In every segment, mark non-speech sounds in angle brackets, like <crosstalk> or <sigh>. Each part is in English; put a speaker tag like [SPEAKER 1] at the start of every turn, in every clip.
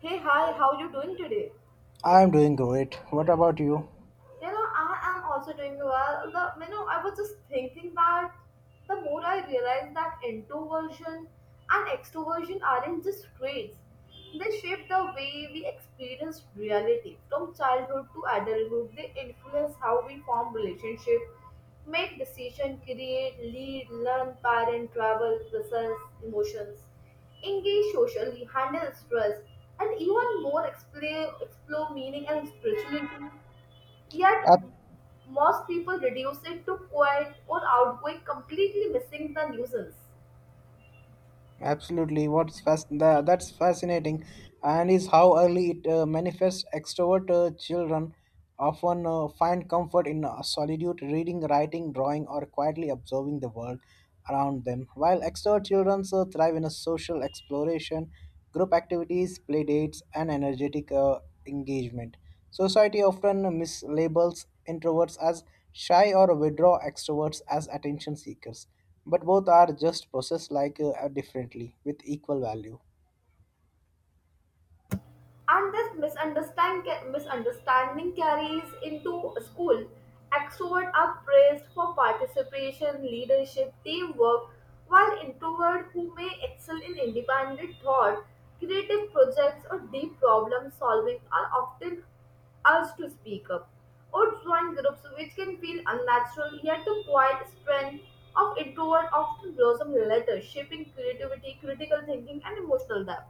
[SPEAKER 1] Hey, hi, how you doing today?
[SPEAKER 2] I'm doing great. What about you?
[SPEAKER 1] I am also doing well. I was just thinking that the more I realize that introversion and extroversion aren't just traits. They shape the way we experience reality. From childhood to adulthood, they influence how we form relationships, make decisions, create, lead, learn, parent, travel, process emotions, engage socially, handle stress, and even more explore meaning and spirituality. Yet,
[SPEAKER 2] Ab-
[SPEAKER 1] most people reduce it to quiet or outgoing, completely missing the nuisance.
[SPEAKER 2] Absolutely. What's fast? That's fascinating, and is how early it manifests. Extrovert children often find comfort in solitude, reading, writing, drawing, or quietly observing the world around them. While extrovert children thrive in a social exploration, group activities, play dates, and energetic engagement. Society often mislabels introverts as shy or withdraw extroverts as attention seekers, but both are just processed like differently with equal value.
[SPEAKER 1] And this misunderstanding carries into school. Extrovert are praised for participation, leadership, teamwork, while introvert who may excel in independent thought, creative projects, or deep problem solving are often urged to speak up or join groups which can feel unnatural, yet the quiet strength of introvert often blossom later, shaping creativity, critical thinking, and emotional depth.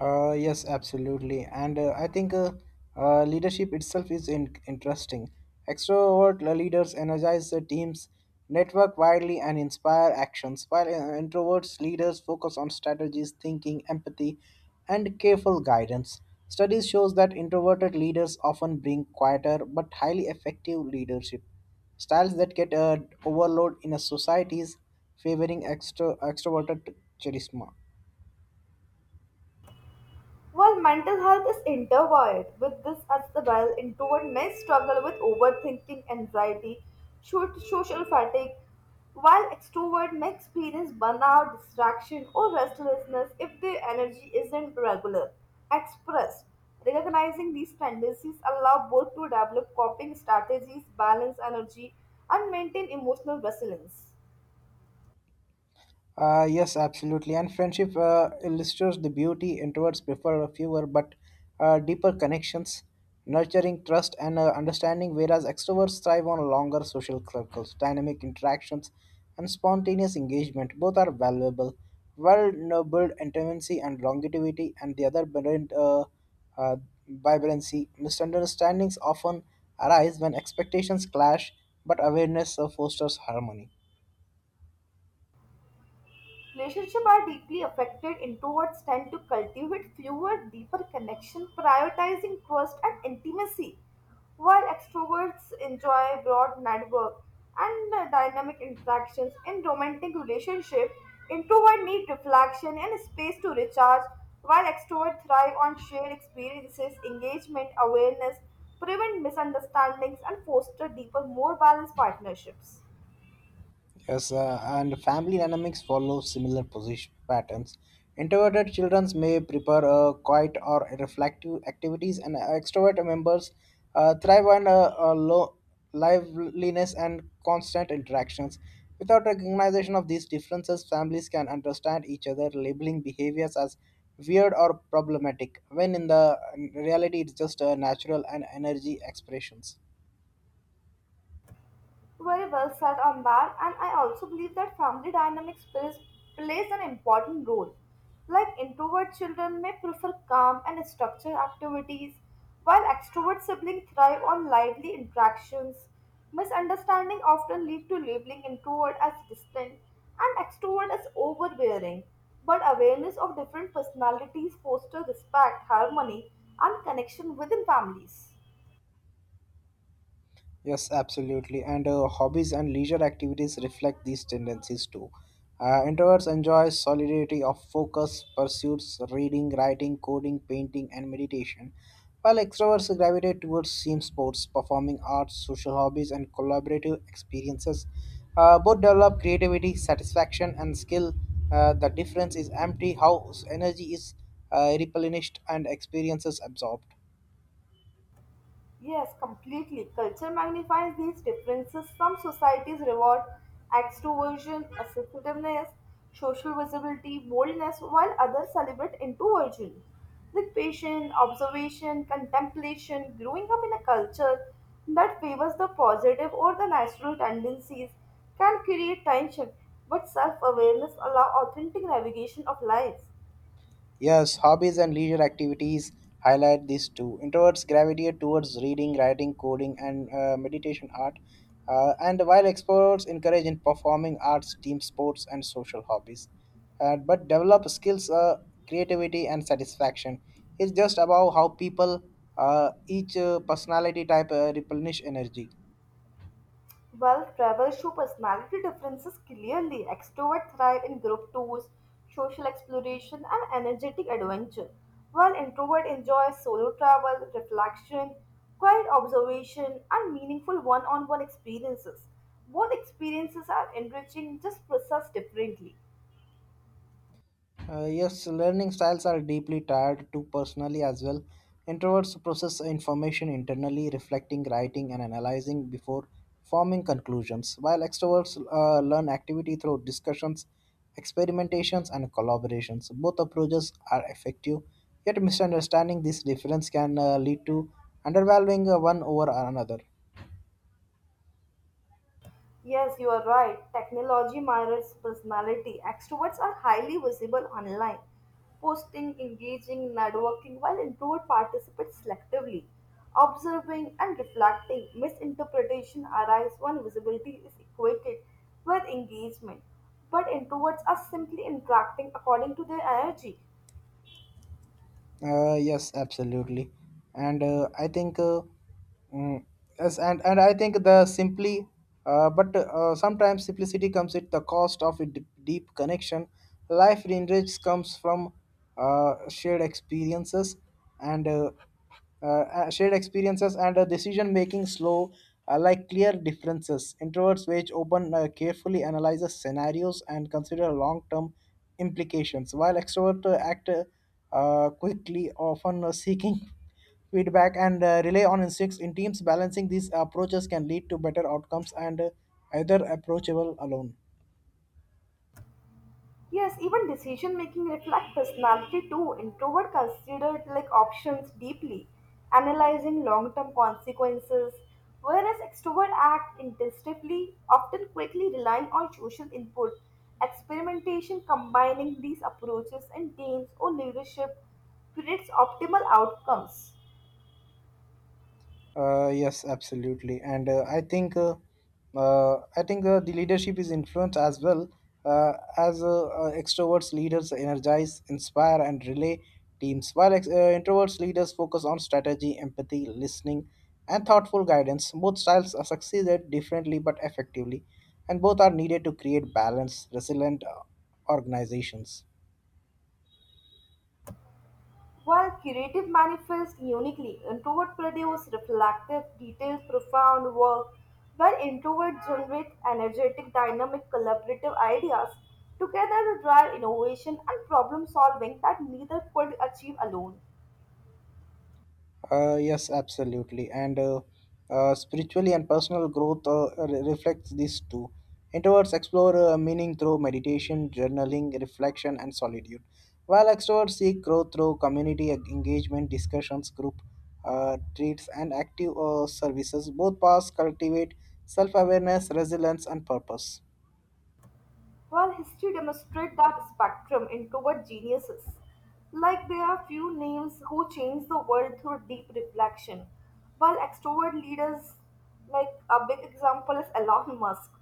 [SPEAKER 2] Yes, absolutely. And I think leadership itself is interesting. Extrovert leaders energize the teams, network widely, and inspire actions, while introverts leaders focus on strategies, thinking, empathy, and careful guidance. Studies shows that introverted leaders often bring quieter but highly effective leadership styles that get overload in a societies favoring extroverted charisma.
[SPEAKER 1] While mental health is intertwined with this as the well. Introvert may struggle with overthinking, anxiety, social fatigue, while extrovert may experience burnout, distraction, or restlessness if their energy isn't regular. Expressed. Recognizing these tendencies allow both to develop coping strategies, balance energy, and maintain emotional resilience.
[SPEAKER 2] Yes, absolutely. And friendship illustrates the beauty introverts prefer fewer but deeper connections, nurturing trust and understanding, whereas extroverts thrive on longer social circles, dynamic interactions, and spontaneous engagement. Both are valuable. Well, no, build intimacy and longevity, and the other build uh, vibrancy. Misunderstandings often arise when expectations clash, but awareness fosters harmony.
[SPEAKER 1] Relationships are deeply affected. Introverts tend to cultivate fewer, deeper connections, prioritizing trust and intimacy, while extroverts enjoy broad network and dynamic interactions. In romantic relationships, introverts need reflection and space to recharge, while extroverts thrive on shared experiences, engagement, awareness, prevent misunderstandings, and foster deeper, more balanced partnerships.
[SPEAKER 2] Yes, and family dynamics follow similar position patterns. Introverted children may prefer quiet or reflective activities, and extrovert members thrive on low liveliness and constant interactions. Without recognition of these differences, families can understand each other, labeling behaviors as weird or problematic, when in reality it's just natural and energy expressions.
[SPEAKER 1] Very well said on that, and I also believe that family dynamics plays an important role. Like introvert children may prefer calm and structured activities, while extrovert siblings thrive on lively interactions. Misunderstanding often lead to labeling introvert as distant and extrovert as overbearing. But awareness of different personalities foster respect, harmony, and connection within families.
[SPEAKER 2] Yes, absolutely. And hobbies and leisure activities reflect these tendencies too. Introverts enjoy solidity of focus pursuits, reading, writing, coding, painting, and meditation, while extroverts gravitate towards team sports, performing arts, social hobbies, and collaborative experiences. Both develop creativity, satisfaction, and skill. The difference is empty, how energy is replenished and experiences absorbed.
[SPEAKER 1] Yes, completely. Culture magnifies these differences. Some societies reward extroversion, assertiveness, social visibility, boldness, while others celebrate introversion. Like patience, observation, contemplation, growing up in a culture that favors the positive or the natural tendencies can create tension, but self awareness allows authentic navigation of life.
[SPEAKER 2] Yes, hobbies and leisure activities highlight these too. Introverts gravitate towards reading, writing, coding, and meditation art, and while extroverts encourage in performing arts, team sports, and social hobbies. But develop skills, creativity, and satisfaction. It's just about how people, each personality type, replenish energy.
[SPEAKER 1] Well, travels show personality differences clearly. Extroverts thrive in group tours, social exploration, and energetic adventure, while introverts enjoy solo travel, reflection, quiet observation, and meaningful one on one experiences. Both experiences are enriching, just processed differently.
[SPEAKER 2] Yes, learning styles are deeply tied to personally as well. Introverts process information internally, reflecting, writing, and analyzing before forming conclusions, while extroverts learn activity through discussions, experimentations, and collaborations. Both approaches are effective, yet misunderstanding this difference can lead to undervaluing one over another.
[SPEAKER 1] Yes, you are right. Technology mirrors personality. Extroverts are highly visible online, posting, engaging, networking, while introvert participate selectively, observing and reflecting. Misinterpretation arises when visibility is equated with engagement, but introverts are simply interacting according to their energy.
[SPEAKER 2] Yes, absolutely, and mm, yes, and I think the simply, but sometimes simplicity comes at the cost of a deep connection. Life enriched comes from uh, shared experiences, and uh, uh, shared experiences and decision making slow like clear differences introverts which open carefully analyzes scenarios and consider long term implications, while extroverts act quickly, often seeking <laughs> feedback and rely on instincts in teams. Balancing these approaches can lead to better outcomes and either approachable alone.
[SPEAKER 1] Yes, even decision making reflect personality too. Introvert considered like options deeply, analyzing long term consequences, whereas extrovert act instinctively, often quickly relying on social input. Experimentation combining these approaches in teams or leadership creates optimal outcomes.
[SPEAKER 2] Yes, absolutely, and I think the leadership is influenced as well, as extroverts leaders energize, inspire, and relay teams, while introverts leaders focus on strategy, empathy, listening, and thoughtful guidance. Both styles are succeeded differently but effectively, and both are needed to create balanced, resilient organizations.
[SPEAKER 1] While creative manifest uniquely, introvert produce reflective, detailed, profound work, while introverts generate energetic, dynamic, collaborative ideas. Together they drive innovation and problem solving that neither could achieve alone.
[SPEAKER 2] Yes, absolutely. And spiritually and personal growth reflects these two. Introverts explore meaning through meditation, journaling, reflection, and solitude, while extroverts seek growth through community engagement, discussions, group treats, and active services. Both paths cultivate self awareness, resilience, and purpose.
[SPEAKER 1] While history demonstrates that spectrum into geniuses. Like there are few names who change the world through deep reflection, while extrovert leaders, like a big example is Elon Musk,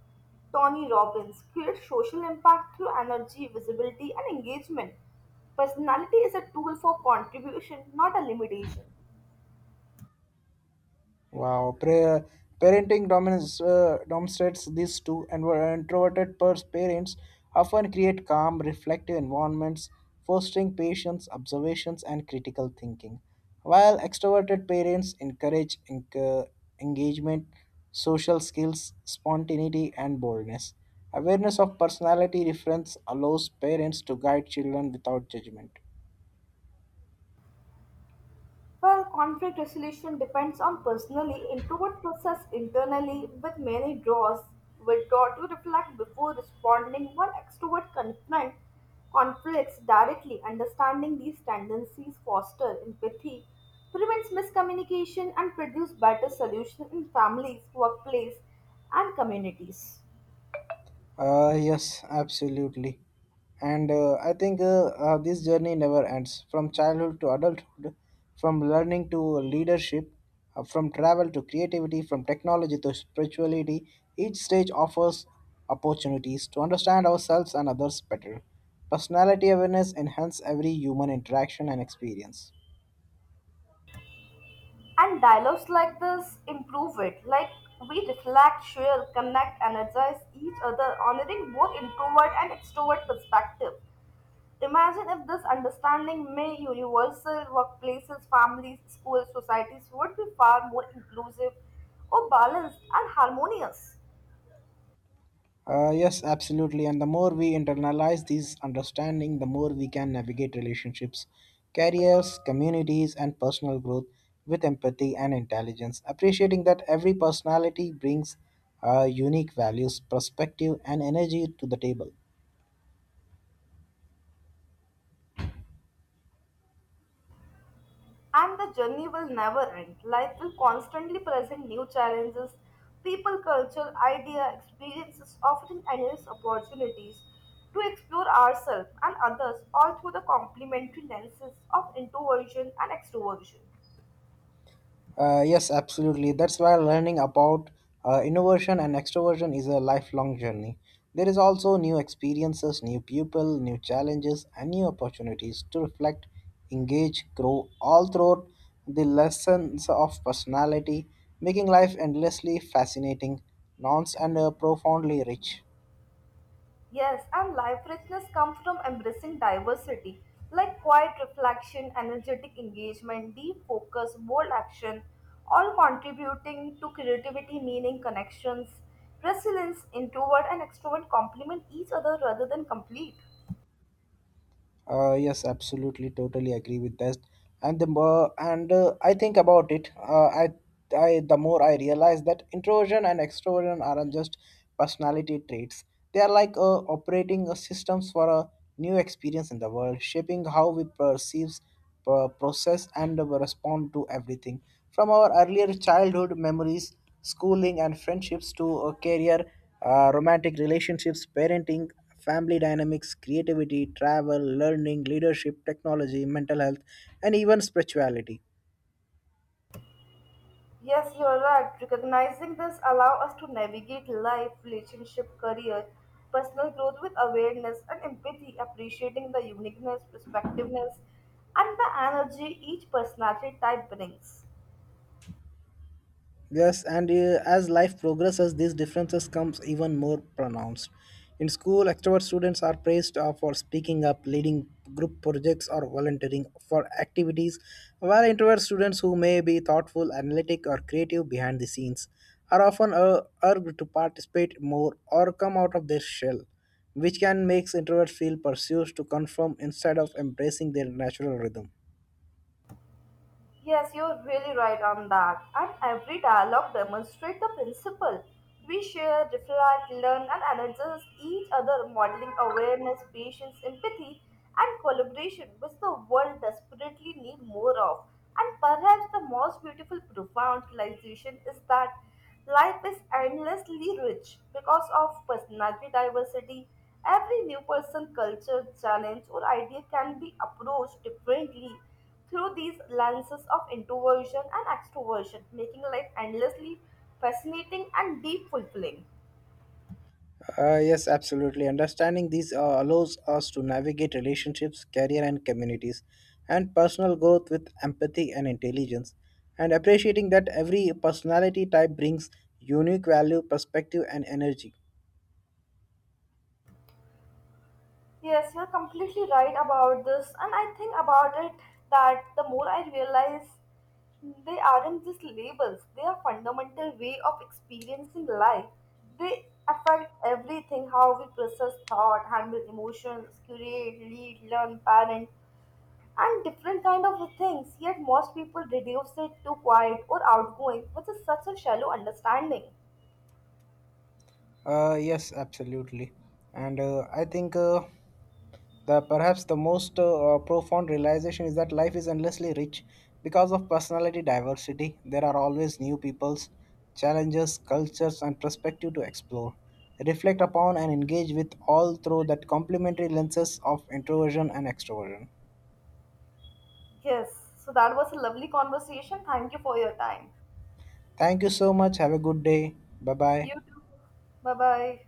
[SPEAKER 1] Tony Robbins, create social impact through energy, visibility, and engagement. Personality is a tool for contribution, not a limitation.
[SPEAKER 2] Wow, parenting dominance demonstrates these two, and were introverted parents often create calm, reflective environments, fostering patience, observations, and critical thinking, while extroverted parents encourage engagement, social skills, spontaneity, and boldness. Awareness of personality difference allows parents to guide children without judgment.
[SPEAKER 1] Well, conflict resolution depends on personally. Introvert process internally with many draws, withdraw to reflect before responding, while extrovert confront conflicts directly. Understanding these tendencies foster empathy, prevents miscommunication, and produce better solutions in families, workplace, and communities.
[SPEAKER 2] Yes, absolutely. And I think this journey never ends, from childhood to adulthood, from learning to leadership, from travel to creativity, from technology to spirituality. Each stage offers opportunities to understand ourselves and others better. Personality awareness enhances every human interaction and experience.
[SPEAKER 1] And dialogues like this improve it. Like we reflect, share, connect, energize each other, honoring both introvert and extrovert perspective. Imagine if this understanding may universal workplaces, families, schools, societies would be far more inclusive or balanced and harmonious.
[SPEAKER 2] Yes, absolutely. And the more we internalize these understanding, the more we can navigate relationships, careers, communities, and personal growth with empathy and intelligence. Appreciating that every personality brings unique values, perspective, and energy to the table.
[SPEAKER 1] And the journey will never end. Life will constantly present new challenges. People, culture, idea, experiences offering endless opportunities to explore ourselves and others all through the complementary lenses of introversion and extroversion.
[SPEAKER 2] Yes, absolutely. That's why learning about innovation and extroversion is a lifelong journey. There is also new experiences, new people, new challenges, and new opportunities to reflect, engage, grow all throughout the lessons of personality, making life endlessly fascinating, nuanced, and profoundly rich.
[SPEAKER 1] Yes, and life richness comes from embracing diversity, like quiet reflection, energetic engagement, deep focus, bold action, all contributing to creativity, meaning, connections, resilience, introvert and extrovert complement each other rather than complete.
[SPEAKER 2] Yes, absolutely, totally agree with that. And the more, and I think about it, the more I realize that introversion and extroversion aren't just personality traits. They are like operating systems for a new experience in the world, shaping how we perceive, process, and respond to everything. From our earlier childhood memories, schooling, and friendships to a career, romantic relationships, parenting, family dynamics, creativity, travel, learning, leadership, technology, mental health, and even spirituality.
[SPEAKER 1] Yes, you are right. Recognizing this allows us to navigate life, relationship, career, personal growth with awareness and empathy, appreciating the uniqueness, perspectiveness, and the energy each personality type brings.
[SPEAKER 2] Yes, and as life progresses, these differences comes even more pronounced. In school, extrovert students are praised for speaking up, leading group projects, or volunteering for activities, while introvert students who may be thoughtful, analytic, or creative behind the scenes are often urged to participate more or come out of their shell, which can make introverts feel pursued to conform instead of embracing their natural rhythm.
[SPEAKER 1] Yes, you're really right on that. And every dialogue demonstrates the principle. We share, reflect, learn, and energize each other, modeling awareness, patience, empathy, and collaboration, which the world desperately needs more of. And perhaps the most beautiful, profound realization is that life is endlessly rich because of personality diversity. Every new person, culture, challenge, or idea can be approached differently through these lenses of introversion and extroversion, making life endlessly fascinating and deep fulfilling.
[SPEAKER 2] Yes, absolutely. Understanding these allows us to navigate relationships, career, and communities, and personal growth with empathy and intelligence. And appreciating that every personality type brings unique value, perspective, and energy.
[SPEAKER 1] Yes, you're completely right about this, and I think about it that the more I realize they aren't just labels, they are fundamental way of experiencing life. They affect everything, how we process thought, handle emotions, create, lead, learn, parent, and different kind of things, yet most people reduce it to quiet or outgoing, which is such a shallow understanding.
[SPEAKER 2] Yes, absolutely. And I think. The perhaps the most profound realization is that life is endlessly rich because of personality diversity. There are always new peoples, challenges, cultures, and perspective to explore, reflect upon, and engage with, all through that complementary lenses of introversion and extroversion.
[SPEAKER 1] Yes, so that was a lovely conversation, thank you for your time.
[SPEAKER 2] Thank you so much. Have a good day. Bye bye.
[SPEAKER 1] You too. Bye bye.